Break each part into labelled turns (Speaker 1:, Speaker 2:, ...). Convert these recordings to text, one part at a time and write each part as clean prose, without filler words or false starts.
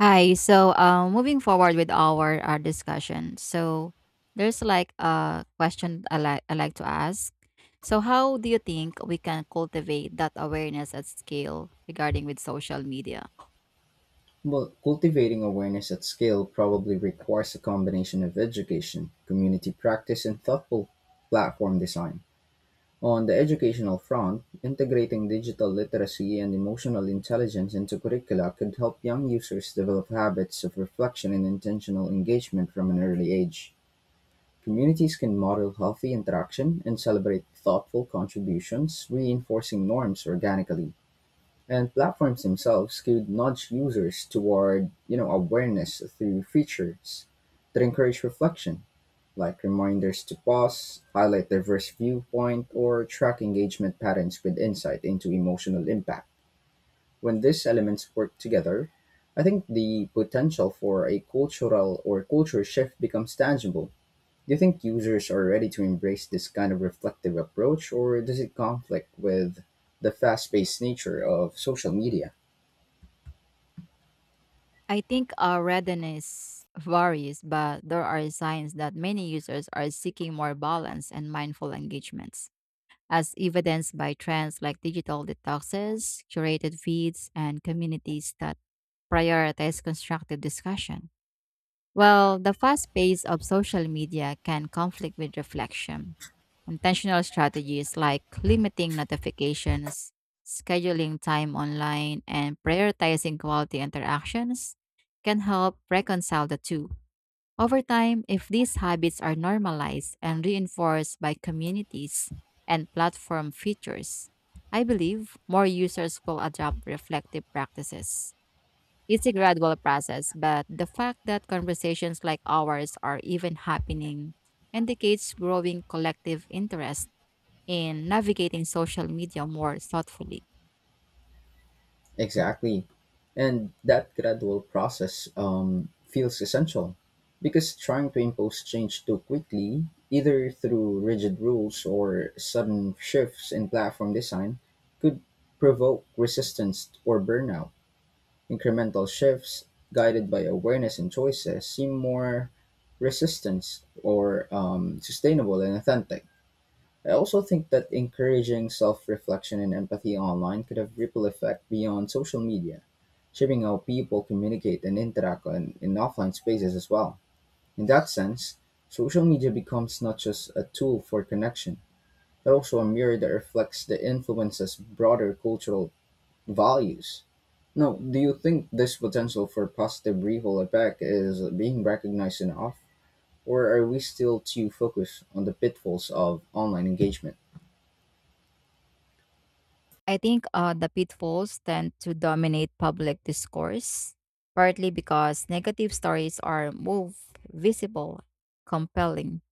Speaker 1: Hi. Moving forward with our discussion. So, there's like a question I like to ask. So, how do you think we can cultivate that awareness at scale regarding with social media?
Speaker 2: Well, cultivating awareness at scale probably requires a combination of education, community practice, and thoughtful platform design. On the educational front, integrating digital literacy and emotional intelligence into curricula could help young users develop habits of reflection and intentional engagement from an early age. Communities can model healthy interaction and celebrate thoughtful contributions, reinforcing norms organically. And platforms themselves could nudge users toward, you know, awareness through features that encourage reflection, like reminders to pause, highlight diverse viewpoint, or track engagement patterns with insight into emotional impact. When these elements work together, I think the potential for a cultural or culture shift becomes tangible. Do you think users are ready to embrace this kind of reflective approach, or does it conflict with the fast paced nature of social media?
Speaker 1: I think our readiness varies, but there are signs that many users are seeking more balance and mindful engagements, as evidenced by trends like digital detoxes, curated feeds, and communities that prioritize constructive discussion. Well, the fast pace of social media can conflict with reflection. Intentional strategies like limiting notifications, scheduling time online, and prioritizing quality interactions can help reconcile the two. Over time, if these habits are normalized and reinforced by communities and platform features, I believe more users will adopt reflective practices. It's a gradual process, but the fact that conversations like ours are even happening indicates growing collective interest in navigating social media more thoughtfully.
Speaker 2: Exactly. And that gradual process feels essential because trying to impose change too quickly, either through rigid rules or sudden shifts in platform design, could provoke resistance or burnout. Incremental shifts guided by awareness and choices seem more resistance or sustainable and authentic. I also think that encouraging self reflection and empathy online could have ripple effect beyond social media shaping how people communicate and interact in offline spaces as well. In that sense, social media becomes not just a tool for connection, but also a mirror that reflects the influences broader cultural values. Now, do you think this potential for positive ripple effect is being recognized enough, or are we still too focused on the pitfalls of online engagement?
Speaker 1: I think the pitfalls tend to dominate public discourse, partly because negative stories are more visible, compelling,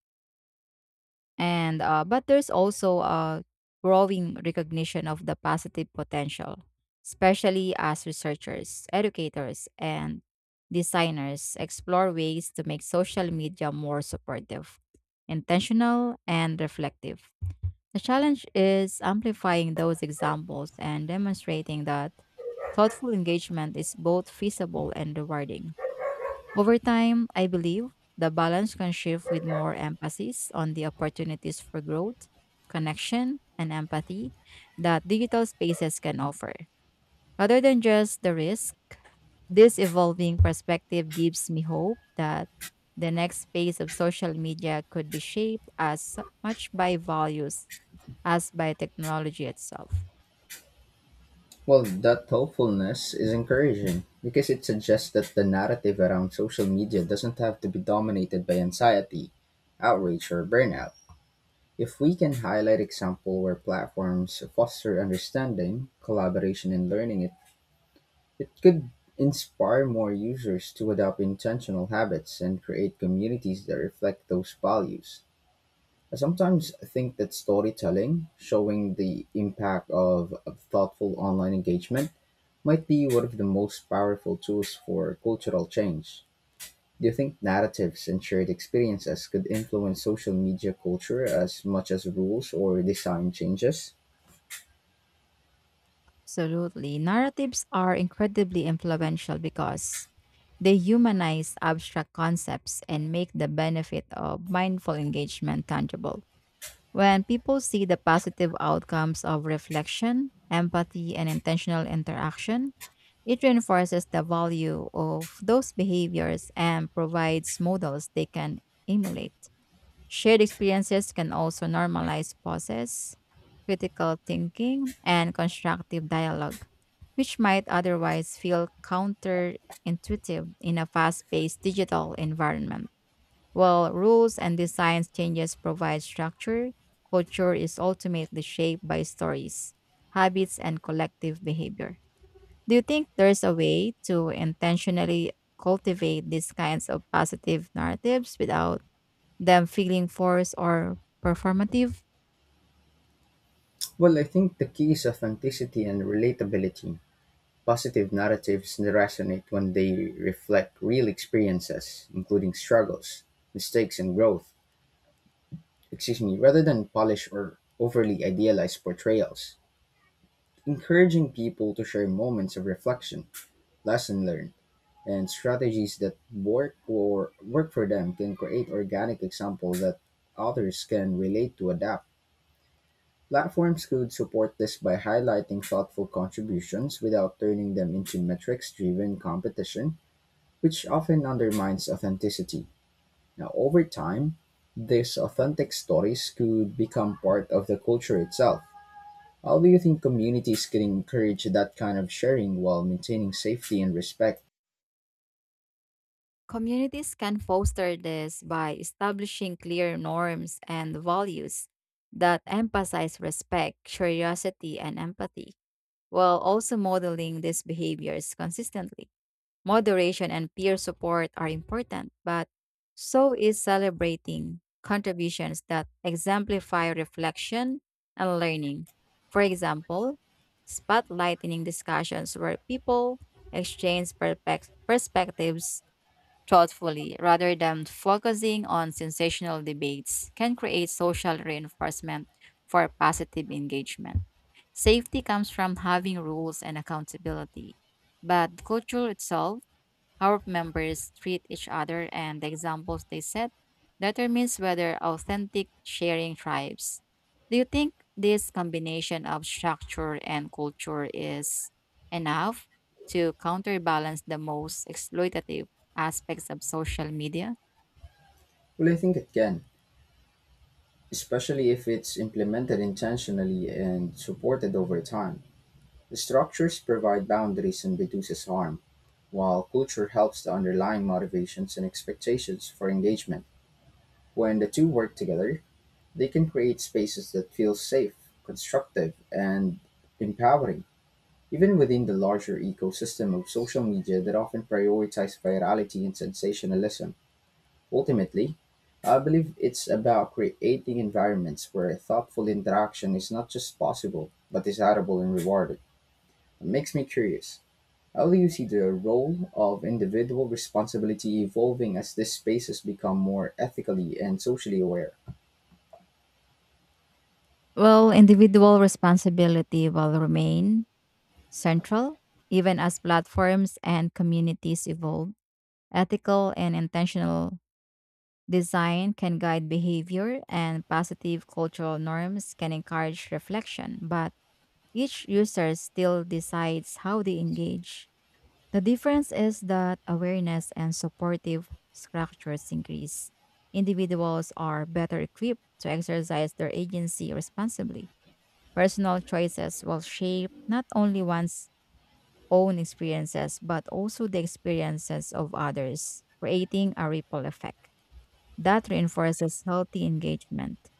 Speaker 1: and but there's also a growing recognition of the positive potential, especially as researchers, educators, and designers explore ways to make social media more supportive, intentional, and reflective. The challenge is amplifying those examples and demonstrating that thoughtful engagement is both feasible and rewarding. Over time, I believe the balance can shift with more emphasis on the opportunities for growth, connection, and empathy that digital spaces can offer, rather than just the risk. This evolving perspective gives me hope that the next phase of social media could be shaped as much by values as by technology itself.
Speaker 2: Well, that thoughtfulness is encouraging because it suggests that the narrative around social media doesn't have to be dominated by anxiety, outrage, or burnout. If we can highlight example where platforms foster understanding, collaboration, and learning, it could inspire more users to adopt intentional habits and create communities that reflect those values. I sometimes think that storytelling, showing the impact of thoughtful online engagement, might be one of the most powerful tools for cultural change. Do you think narratives and shared experiences could influence social media culture as much as rules or design changes?
Speaker 1: Absolutely. Narratives are incredibly influential because they humanize abstract concepts and make the benefit of mindful engagement tangible. When people see the positive outcomes of reflection, empathy, and intentional interaction, it reinforces the value of those behaviors and provides models they can emulate. Shared experiences can also normalize pauses, critical thinking, and constructive dialogue, which might otherwise feel counterintuitive in a fast paced digital environment. While rules and design changes provide structure, culture is ultimately shaped by stories, habits, and collective behavior. Do you think there's a way to intentionally cultivate these kinds of positive narratives without them feeling forced or performative?
Speaker 2: Well, I think the key is authenticity and relatability. Positive narratives resonate when they reflect real experiences, including struggles, mistakes, and growth. Excuse me, rather than polished or overly idealized portrayals. Encouraging people to share moments of reflection, lesson learned, and strategies that work for them can create organic examples that others can relate to adapt. Platforms could support this by highlighting thoughtful contributions without turning them into metrics driven competition, which often undermines authenticity. Now, over time, these authentic stories could become part of the culture itself. How do you think communities can encourage that kind of sharing while maintaining safety and respect?
Speaker 1: Communities can foster this by establishing clear norms and values that emphasize respect, curiosity, and empathy, while also modeling these behaviors consistently. Moderation and peer support are important, but so is celebrating contributions that exemplify reflection and learning. For example, spotlighting discussions where people exchange perspectives thoughtfully rather than focusing on sensational debates can create social reinforcement for positive engagement. Safety comes from having rules and accountability, but the culture itself, how members treat each other and the examples they set, determines whether authentic sharing thrives. Do you think this combination of structure and culture is enough to counterbalance the most exploitative aspects of social media?
Speaker 2: Well, I think it can, especially if it's implemented intentionally and supported over time. The structures provide boundaries and reduces harm, while culture helps the underlying motivations and expectations for engagement. When the two work together, they can create spaces that feel safe, constructive, and empowering. Even within the larger ecosystem of social media that often prioritize virality and sensationalism, ultimately, I believe it's about creating environments where thoughtful interaction is not just possible, but desirable and rewarded. It makes me curious. How do you see the role of individual responsibility evolving as these spaces become more ethically and socially aware?
Speaker 1: Well, individual responsibility will remain central even as platforms and communities evolve. Ethical and intentional design can guide behavior, and positive cultural norms can encourage reflection, but each user still decides how they engage. The difference is that awareness and supportive structures increase. Individuals are better equipped to exercise their agency responsibly. Personal choices will shape not only one's own experiences, but also the experiences of others, creating a ripple effect that reinforces healthy engagement.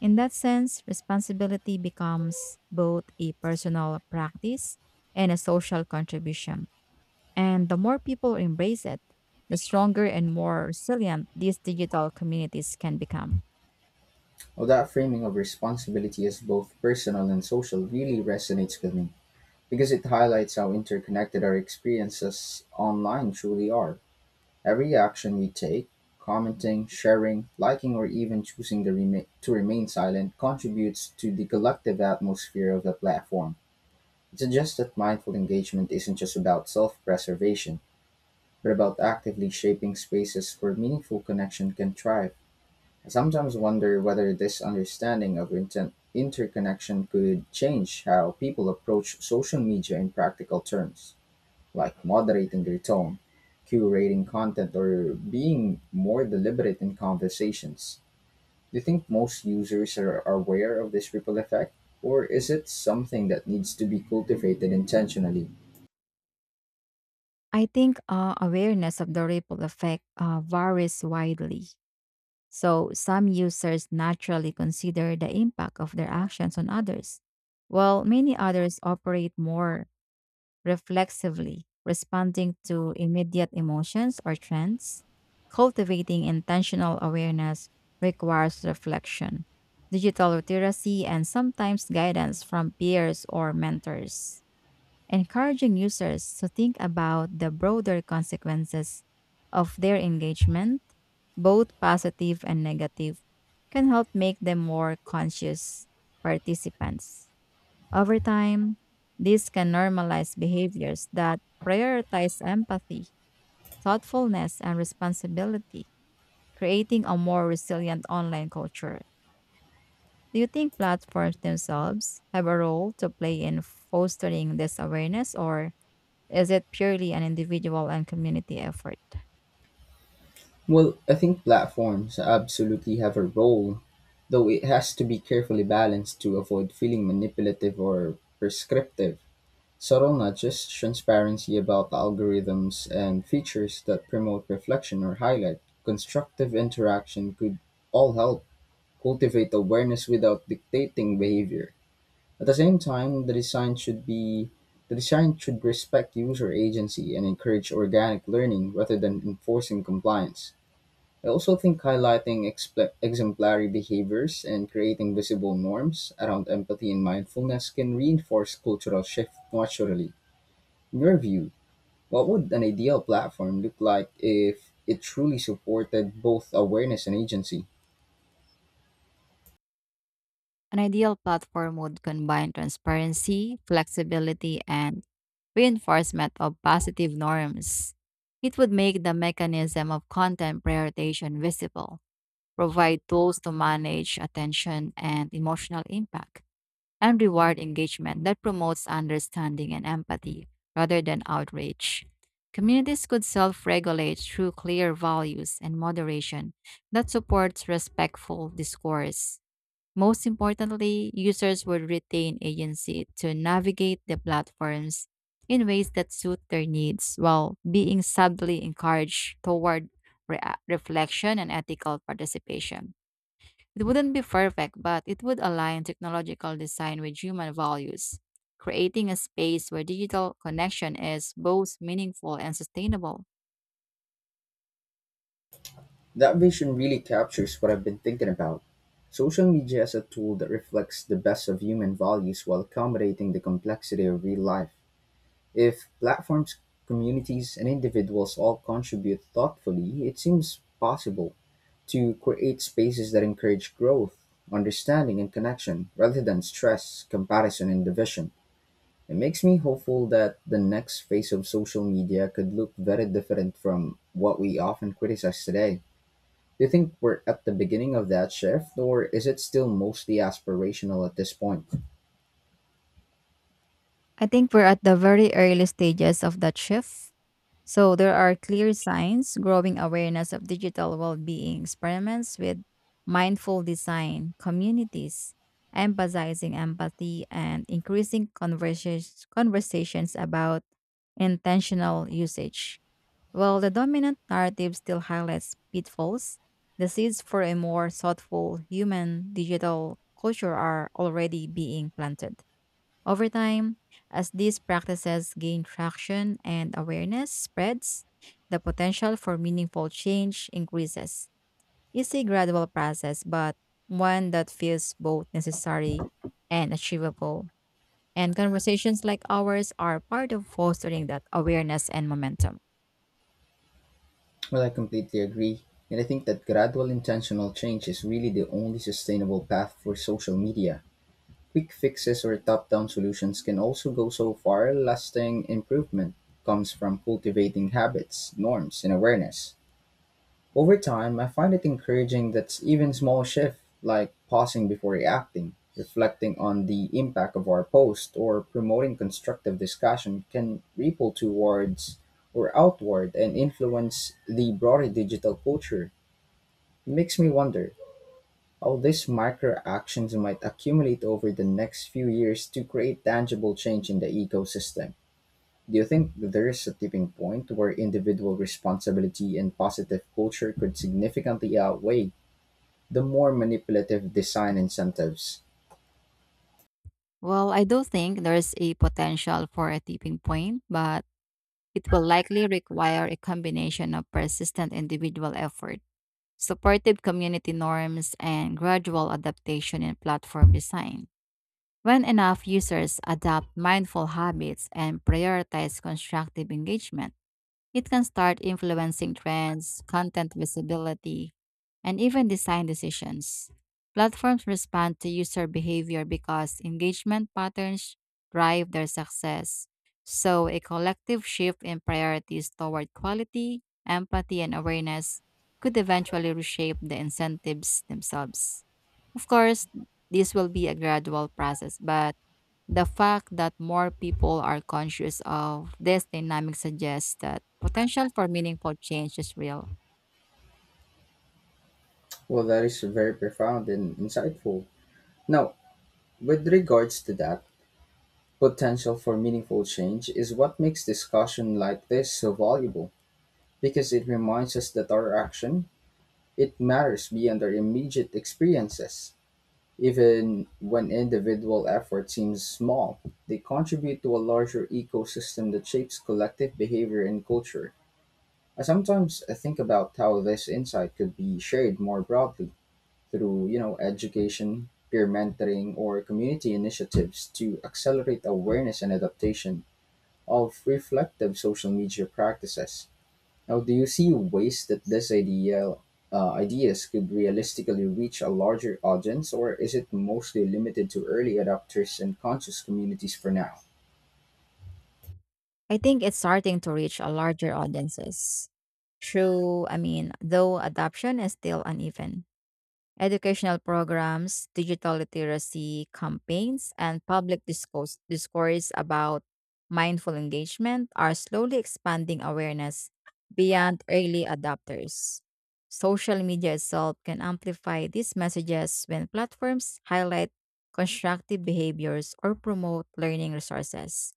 Speaker 1: In that sense, responsibility becomes both a personal practice and a social contribution. And the more people embrace it, the stronger and more resilient these digital communities can become.
Speaker 2: Well, that framing of responsibility as both personal and social really resonates with me because it highlights how interconnected our experiences online truly are. Every action you take commenting, sharing, liking or even choosing the to remain silent contributes to the collective atmosphere of the platform. It suggests that mindful engagement isn't just about self preservation, but about actively shaping spaces where meaningful connection can thrive. I sometimes wonder whether this understanding of interconnection could change how people approach social media in practical terms like moderating your tone, curating content, or being more deliberate in conversations. Do you think most users are aware of this ripple effect, or is it something that needs to be cultivated intentionally?
Speaker 1: I think awareness of the ripple effect varies widely. So, some users naturally consider the impact of their actions on others, while many others operate more reflexively, responding to immediate emotions or trends. Cultivating intentional awareness requires reflection, digital literacy, and sometimes guidance from peers or mentors. Encouraging users to think about the broader consequences of their engagement, both positive and negative, can help make them more conscious participants. Over time, this can normalize behaviors that prioritize empathy, thoughtfulness, and responsibility, creating a more resilient online culture. Do you think platforms themselves have a role to play in fostering this awareness, or is it purely an individual and community effort?
Speaker 2: Well, I think platforms absolutely have a role, though it has to be carefully balanced to avoid feeling manipulative or prescriptive. Subtle nudges, transparency about algorithms, and features that promote reflection or highlight constructive interaction could all help cultivate awareness without dictating behavior. At the same time, the design should respect user agency and encourage organic learning rather than enforcing compliance. I also think highlighting exemplary behaviors and creating visible norms around empathy and mindfulness can reinforce cultural shift naturally. In your view, what would an ideal platform look like if it truly supported both awareness and agency?
Speaker 1: An ideal platform would combine transparency, flexibility, and reinforcement of positive norms. It would make the mechanism of content prioritization visible, provide tools to manage attention and emotional impact, and reward engagement that promotes understanding and empathy rather than outrage. Communities could self regulate through clear values and moderation that supports respectful discourse. Most importantly, users will retain agency to navigate the platforms in ways that suit their needs while being subtly encouraged toward re- reflection and ethical participation. It wouldn't be perfect, but it would align technological design with human values, creating a space where digital connection is both meaningful and sustainable.
Speaker 2: That vision really captures what I've been thinking about. Social media as a tool that reflects the best of human values while accommodating the complexity of real life. If platforms, communities, and individuals all contribute thoughtfully, it seems possible to create spaces that encourage growth, understanding, and connection rather than stress, comparison, and division. It makes me hopeful that the next phase of social media could look very different from what we often criticize today. Do you think we're at the beginning of that shift, or is it still mostly aspirational at this point?
Speaker 1: I think we're at the very early stages of that shift. So there are clear signs: growing awareness of digital well-being, experiments with mindful design, communities emphasizing empathy, and increasing conversations about intentional usage. While the dominant narrative still highlights pitfalls, the seeds for a more thoughtful human digital culture are already being planted. Over time, as these practices gain traction and awareness spreads, the potential for meaningful change increases. It's a gradual process, but one that feels both necessary and achievable. And conversations like ours are part of fostering that awareness and momentum.
Speaker 2: Well, I completely agree. And I think that gradual intentional change is really the only sustainable path for social media. Quick fixes or top down solutions can also go so far, lasting improvement comes from cultivating habits, norms, and awareness. Over time, I find it encouraging that even small shifts, like pausing before reacting, reflecting on the impact of our post, or promoting constructive discussion, can ripple towards or outward and influence the broader digital culture. It makes me wonder how these micro actions might accumulate over the next few years to create tangible change in the ecosystem. Do you think there is a tipping point where individual responsibility and positive culture could significantly outweigh the more manipulative design incentives?
Speaker 1: Well, I do think there's a potential for a tipping point, but it will likely require a combination of persistent individual effort, supportive community norms, and gradual adaptation in platform design. When enough users adopt mindful habits and prioritize constructive engagement, it can start influencing trends, content visibility, and even design decisions. Platforms respond to user behavior because engagement patterns drive their success. So, a collective shift in priorities toward quality, empathy, and awareness could eventually reshape the incentives themselves. Of course, this will be a gradual process, but the fact that more people are conscious of this dynamic suggests that potential for meaningful change is real.
Speaker 2: Well, that is very profound and insightful. Now, with regards to that, potential for meaningful change is what makes discussion like this so valuable because it reminds us that our action it matters beyond our immediate experiences. Even when individual effort seems small, they contribute to a larger ecosystem that shapes collective behavior and culture. I sometimes think about how this insight could be shared more broadly through you know education, peer mentoring, or community initiatives to accelerate awareness and adaptation of reflective social media practices. Now, do you see ways that this idea ideas could realistically reach a larger audience, or is it mostly limited to early adopters and conscious communities for now?
Speaker 1: I think it's starting to reach a larger audiences. True, I mean, though adoption is still uneven. Educational programs, digital literacy campaigns, and public discourse about mindful engagement are slowly expanding awareness beyond early adopters. Social media itself can amplify these messages when platforms highlight constructive behaviors or promote learning resources.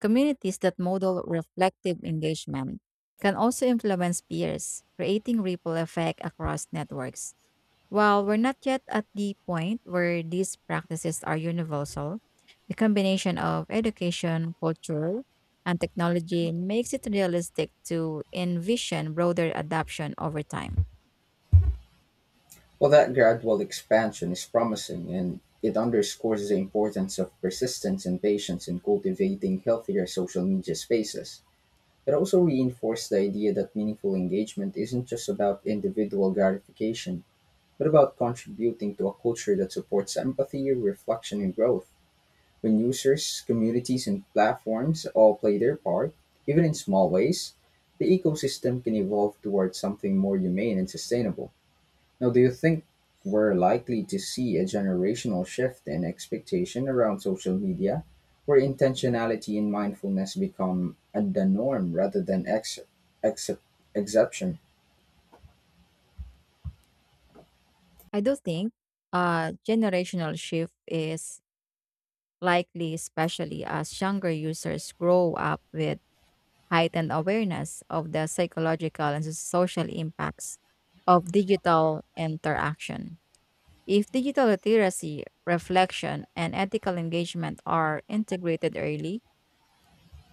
Speaker 1: Communities that model reflective engagement can also influence peers, creating ripple effect across networks. While we're not yet at the point where these practices are universal, the combination of education, culture, and technology makes it realistic to envision broader adoption over time.
Speaker 2: Well, that gradual expansion is promising and it underscores the importance of persistence and patience in cultivating healthier social media spaces. It also reinforced the idea that meaningful engagement isn't just about individual gratification, but about contributing to a culture that supports empathy, reflection, and growth. When users, communities, and platforms all play their part, even in small ways, the ecosystem can evolve towards something more humane and sustainable. Now, do you think we're likely to see a generational shift in expectation around social media, where intentionality and mindfulness become the norm rather than excep exception?
Speaker 1: I do think a generational shift is likely, especially as younger users grow up with heightened awareness of the psychological and social impacts of digital interaction. If digital literacy, reflection, and ethical engagement are integrated early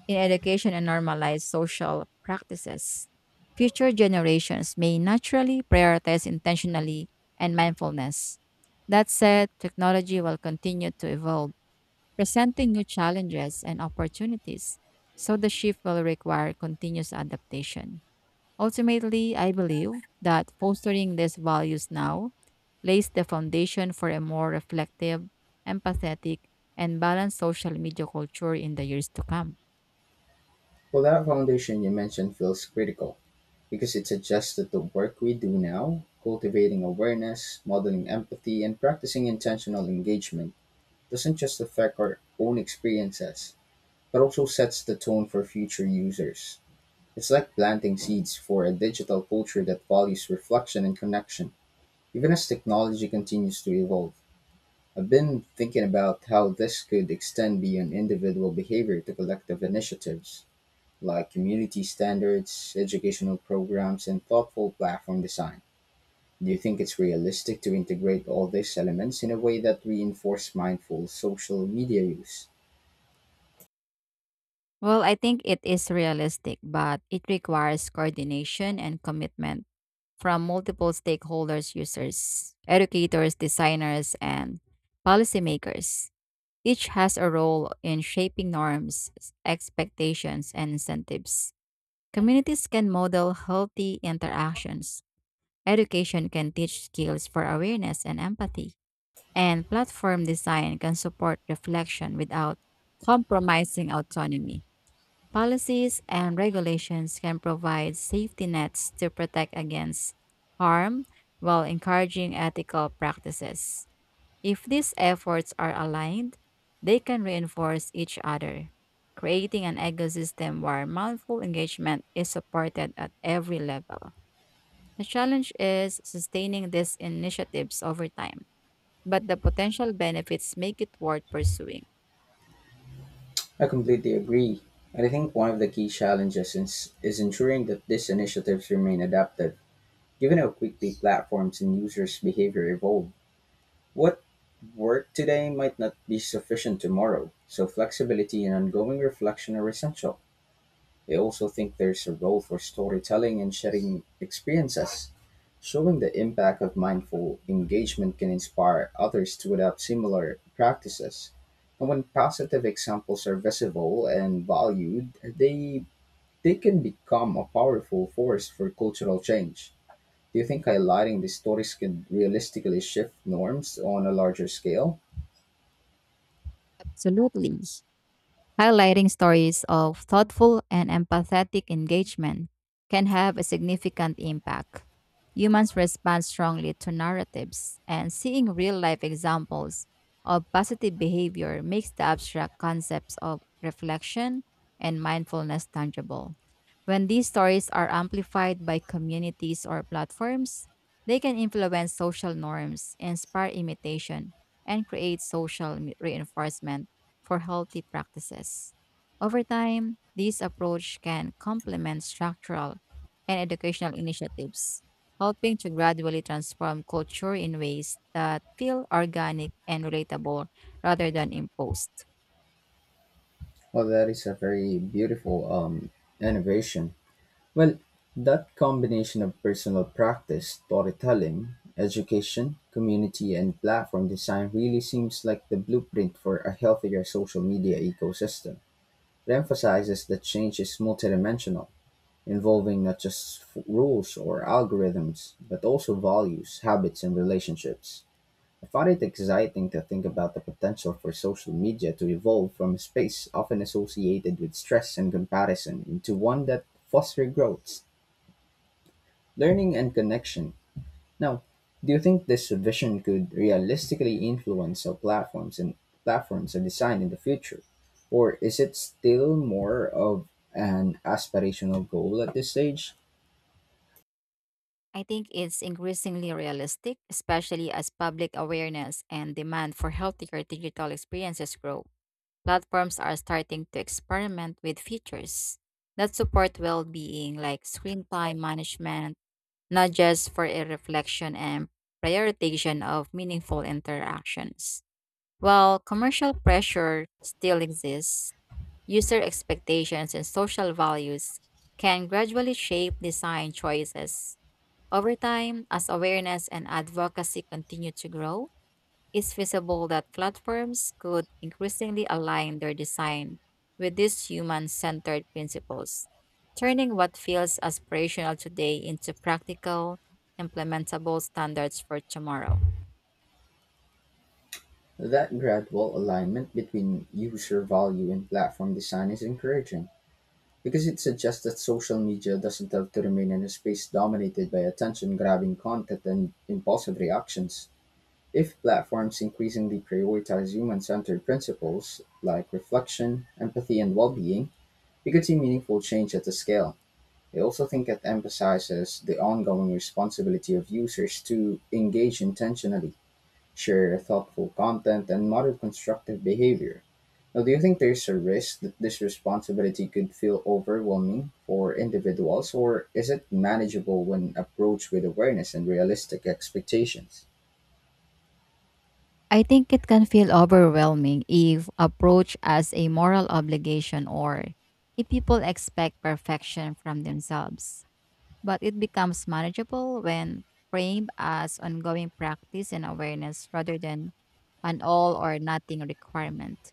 Speaker 1: in education and normalized social practices, future generations may naturally prioritize intentionally and mindfulness. That said, technology will continue to evolve, presenting new challenges and opportunities, so the shift will require continuous adaptation. Ultimately, I believe that fostering these values now lays the foundation for a more reflective, empathetic, and balanced social media culture in the years to come.
Speaker 2: Well, that foundation you mentioned feels critical because it suggests that the work we do now, cultivating awareness, modeling empathy, and practicing intentional engagement, doesn't just affect our own experiences, but also sets the tone for future users. It's like planting seeds for a digital culture that values reflection and connection, even as technology continues to evolve. I've been thinking about how this could extend beyond individual behavior to collective initiatives, like community standards, educational programs, and thoughtful platform design. Do you think it's realistic to integrate all these elements in a way that reinforce mindful social media use?
Speaker 1: Well, I think it is realistic, but it requires coordination and commitment from multiple stakeholders: users, educators, designers, and policymakers. Each has a role in shaping norms, expectations, and incentives. Communities can model healthy interactions. Education can teach skills for awareness and empathy. And platform design can support reflection without compromising autonomy. Policies and regulations can provide safety nets to protect against harm while encouraging ethical practices. If these efforts are aligned, they can reinforce each other, creating an ecosystem where mindful engagement is supported at every level. The challenge is sustaining these initiatives over time, but the potential benefits make it worth pursuing.
Speaker 2: I completely agree. And I think one of the key challenges is ensuring that these initiatives remain adaptive. Given how quickly platforms and users' behavior evolve, what worked today might not be sufficient tomorrow, so flexibility and ongoing reflection are essential. I also think there's a role for storytelling and sharing experiences. Showing the impact of mindful engagement can inspire others to adopt similar practices. And when positive examples are visible and valued, they can become a powerful force for cultural change. Do you think highlighting these stories could realistically shift norms on a larger scale?
Speaker 1: Absolutely. Highlighting stories of thoughtful and empathetic engagement can have a significant impact. Humans respond strongly to narratives, and seeing real life examples of positive behavior makes the abstract concepts of reflection and mindfulness tangible. When these stories are amplified by communities or platforms, they can influence social norms, inspire imitation, and create social reinforcement for healthy practices. Over time, this approach can complement structural and educational initiatives, helping to gradually transform culture in ways that feel organic and relatable rather than imposed.
Speaker 2: Well, that is a very beautiful innovation. Well, that combination of personal practice, storytelling, education, community, and platform design really seems like the blueprint for a healthier social media ecosystem. It emphasizes that change is multidimensional, involving not just rules or algorithms, but also values, habits, and relationships. I found it exciting to think about the potential for social media to evolve from a space often associated with stress and comparison into one that fosters growth, learning, and connection. Now, do you think this vision could realistically influence how platforms are designed in the future, or is it still more of an aspirational goal at this stage?
Speaker 1: I think it's increasingly realistic, especially as public awareness and demand for healthier digital experiences grow. Platforms are starting to experiment with features that support well being, like screen time management, not just for a reflection and prioritization of meaningful interactions. While commercial pressure still exists, user expectations and social values can gradually shape design choices. Over time, as awareness and advocacy continue to grow, it's feasible that platforms could increasingly align their design with these human centered principles, turning what feels aspirational today into practical, implementable standards for tomorrow.
Speaker 2: That gradual alignment between user value and platform design is encouraging, because it suggests that social media doesn't have to remain in a space dominated by attention-grabbing content and impulsive reactions. If platforms increasingly prioritize human-centered principles like reflection, empathy, and well-being, we could see meaningful change at the scale. I also think it emphasizes the ongoing responsibility of users to engage intentionally share thoughtful content, and model constructive behavior. Now, do you think there's a risk that this responsibility could feel overwhelming for individuals, or is it manageable when approached with awareness and realistic expectations?
Speaker 1: I think it can feel overwhelming if approached as a moral obligation or if people expect perfection from themselves, but it becomes manageable when framed as ongoing practice and awareness rather than an all or nothing requirement.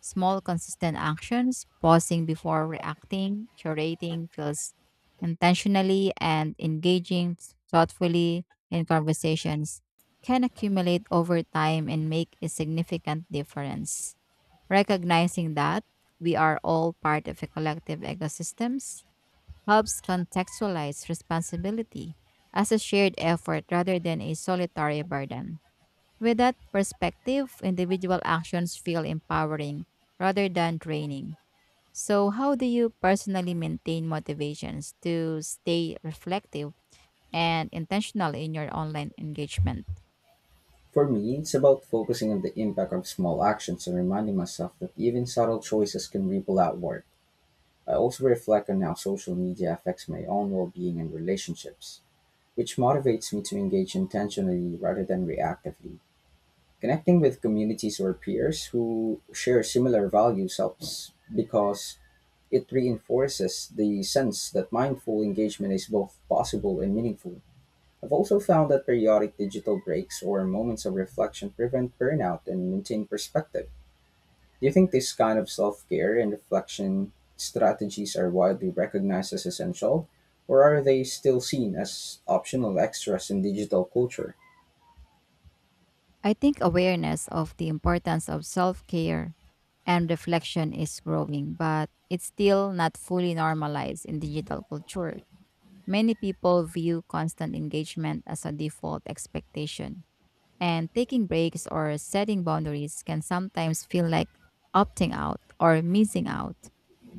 Speaker 1: Small, consistent actions, pausing before reacting, curating feels intentionally, and engaging thoughtfully in conversations, can accumulate over time and make a significant difference. Recognizing that we are all part of a collective ecosystems helps contextualize responsibility as a shared effort rather than a solitary burden. With that perspective, individual actions feel empowering rather than draining. So, how do you personally maintain motivations to stay reflective and intentional in your online engagement?
Speaker 2: For me, it's about focusing on the impact of small actions and reminding myself that even subtle choices can ripple outward. I also reflect on how social media affects my own well being and relationships, which motivates me to engage intentionally rather than reactively. Connecting with communities or peers who share similar values helps because it reinforces the sense that mindful engagement is both possible and meaningful. I've also found that periodic digital breaks or moments of reflection prevent burnout and maintain perspective. Do you think this kind of self care and reflection strategies are widely recognized as essential, or are they still seen as optional extras in digital culture?
Speaker 1: I think awareness of the importance of self care and reflection is growing, but it's still not fully normalized in digital culture. Many people view constant engagement as a default expectation, and taking breaks or setting boundaries can sometimes feel like opting out or missing out.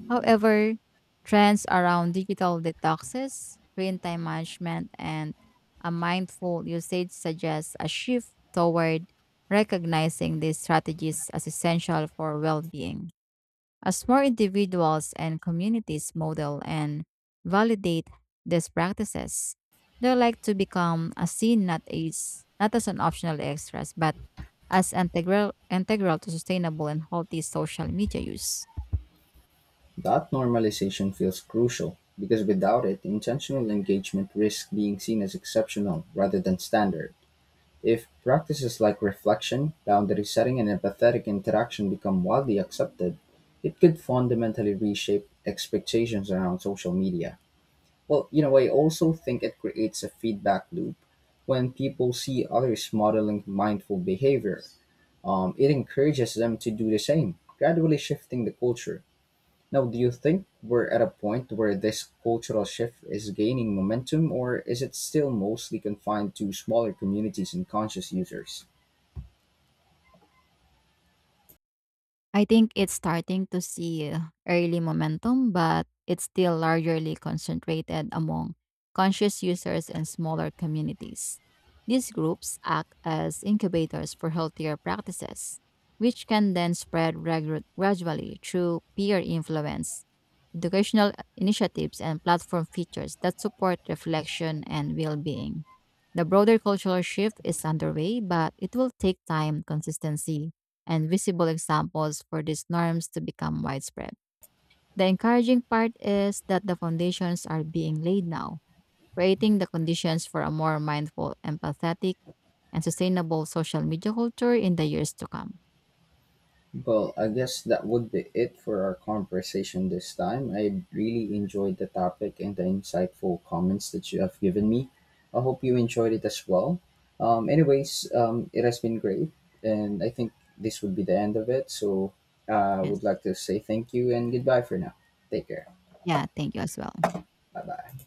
Speaker 1: However, trends around digital detoxes, screen time management, and a mindful usage suggest a shift toward recognizing these strategies as essential for well being. As more individuals and communities model and validate these practices, they're like to become a seen not as an optional extras, but as integral to sustainable and healthy social media use.
Speaker 2: That normalization feels crucial, because without it, intentional engagement risks being seen as exceptional rather than standard. If practices like reflection, boundary setting, and empathetic interaction become widely accepted, it could fundamentally reshape expectations around social media. Well, you know, I also think it creates a feedback loop when people see others modeling mindful behavior. It encourages them to do the same, gradually shifting the culture. Now, do you think we're at a point where this cultural shift is gaining momentum, or is it still mostly confined to smaller communities and conscious users?
Speaker 1: I think it's starting to see early momentum, but it's still largely concentrated among conscious users and smaller communities. These groups act as incubators for healthier practices, which can then spread gradually through peer influence, educational initiatives, and platform features that support reflection and well being. The broader cultural shift is underway, but it will take time, consistency, and visible examples for these norms to become widespread. The encouraging part is that the foundations are being laid now, creating the conditions for a more mindful, empathetic, and sustainable social media culture in the years to come.
Speaker 2: Well, I guess that would be it for our conversation this time. I really enjoyed the topic and the insightful comments that you have given me. I hope you enjoyed it as well. Anyways, it has been great, and I think this would be the end of it. So I
Speaker 1: Yes.
Speaker 2: would like to say thank you and goodbye for now. Take care.
Speaker 1: Yeah, thank you as well.
Speaker 2: Bye bye.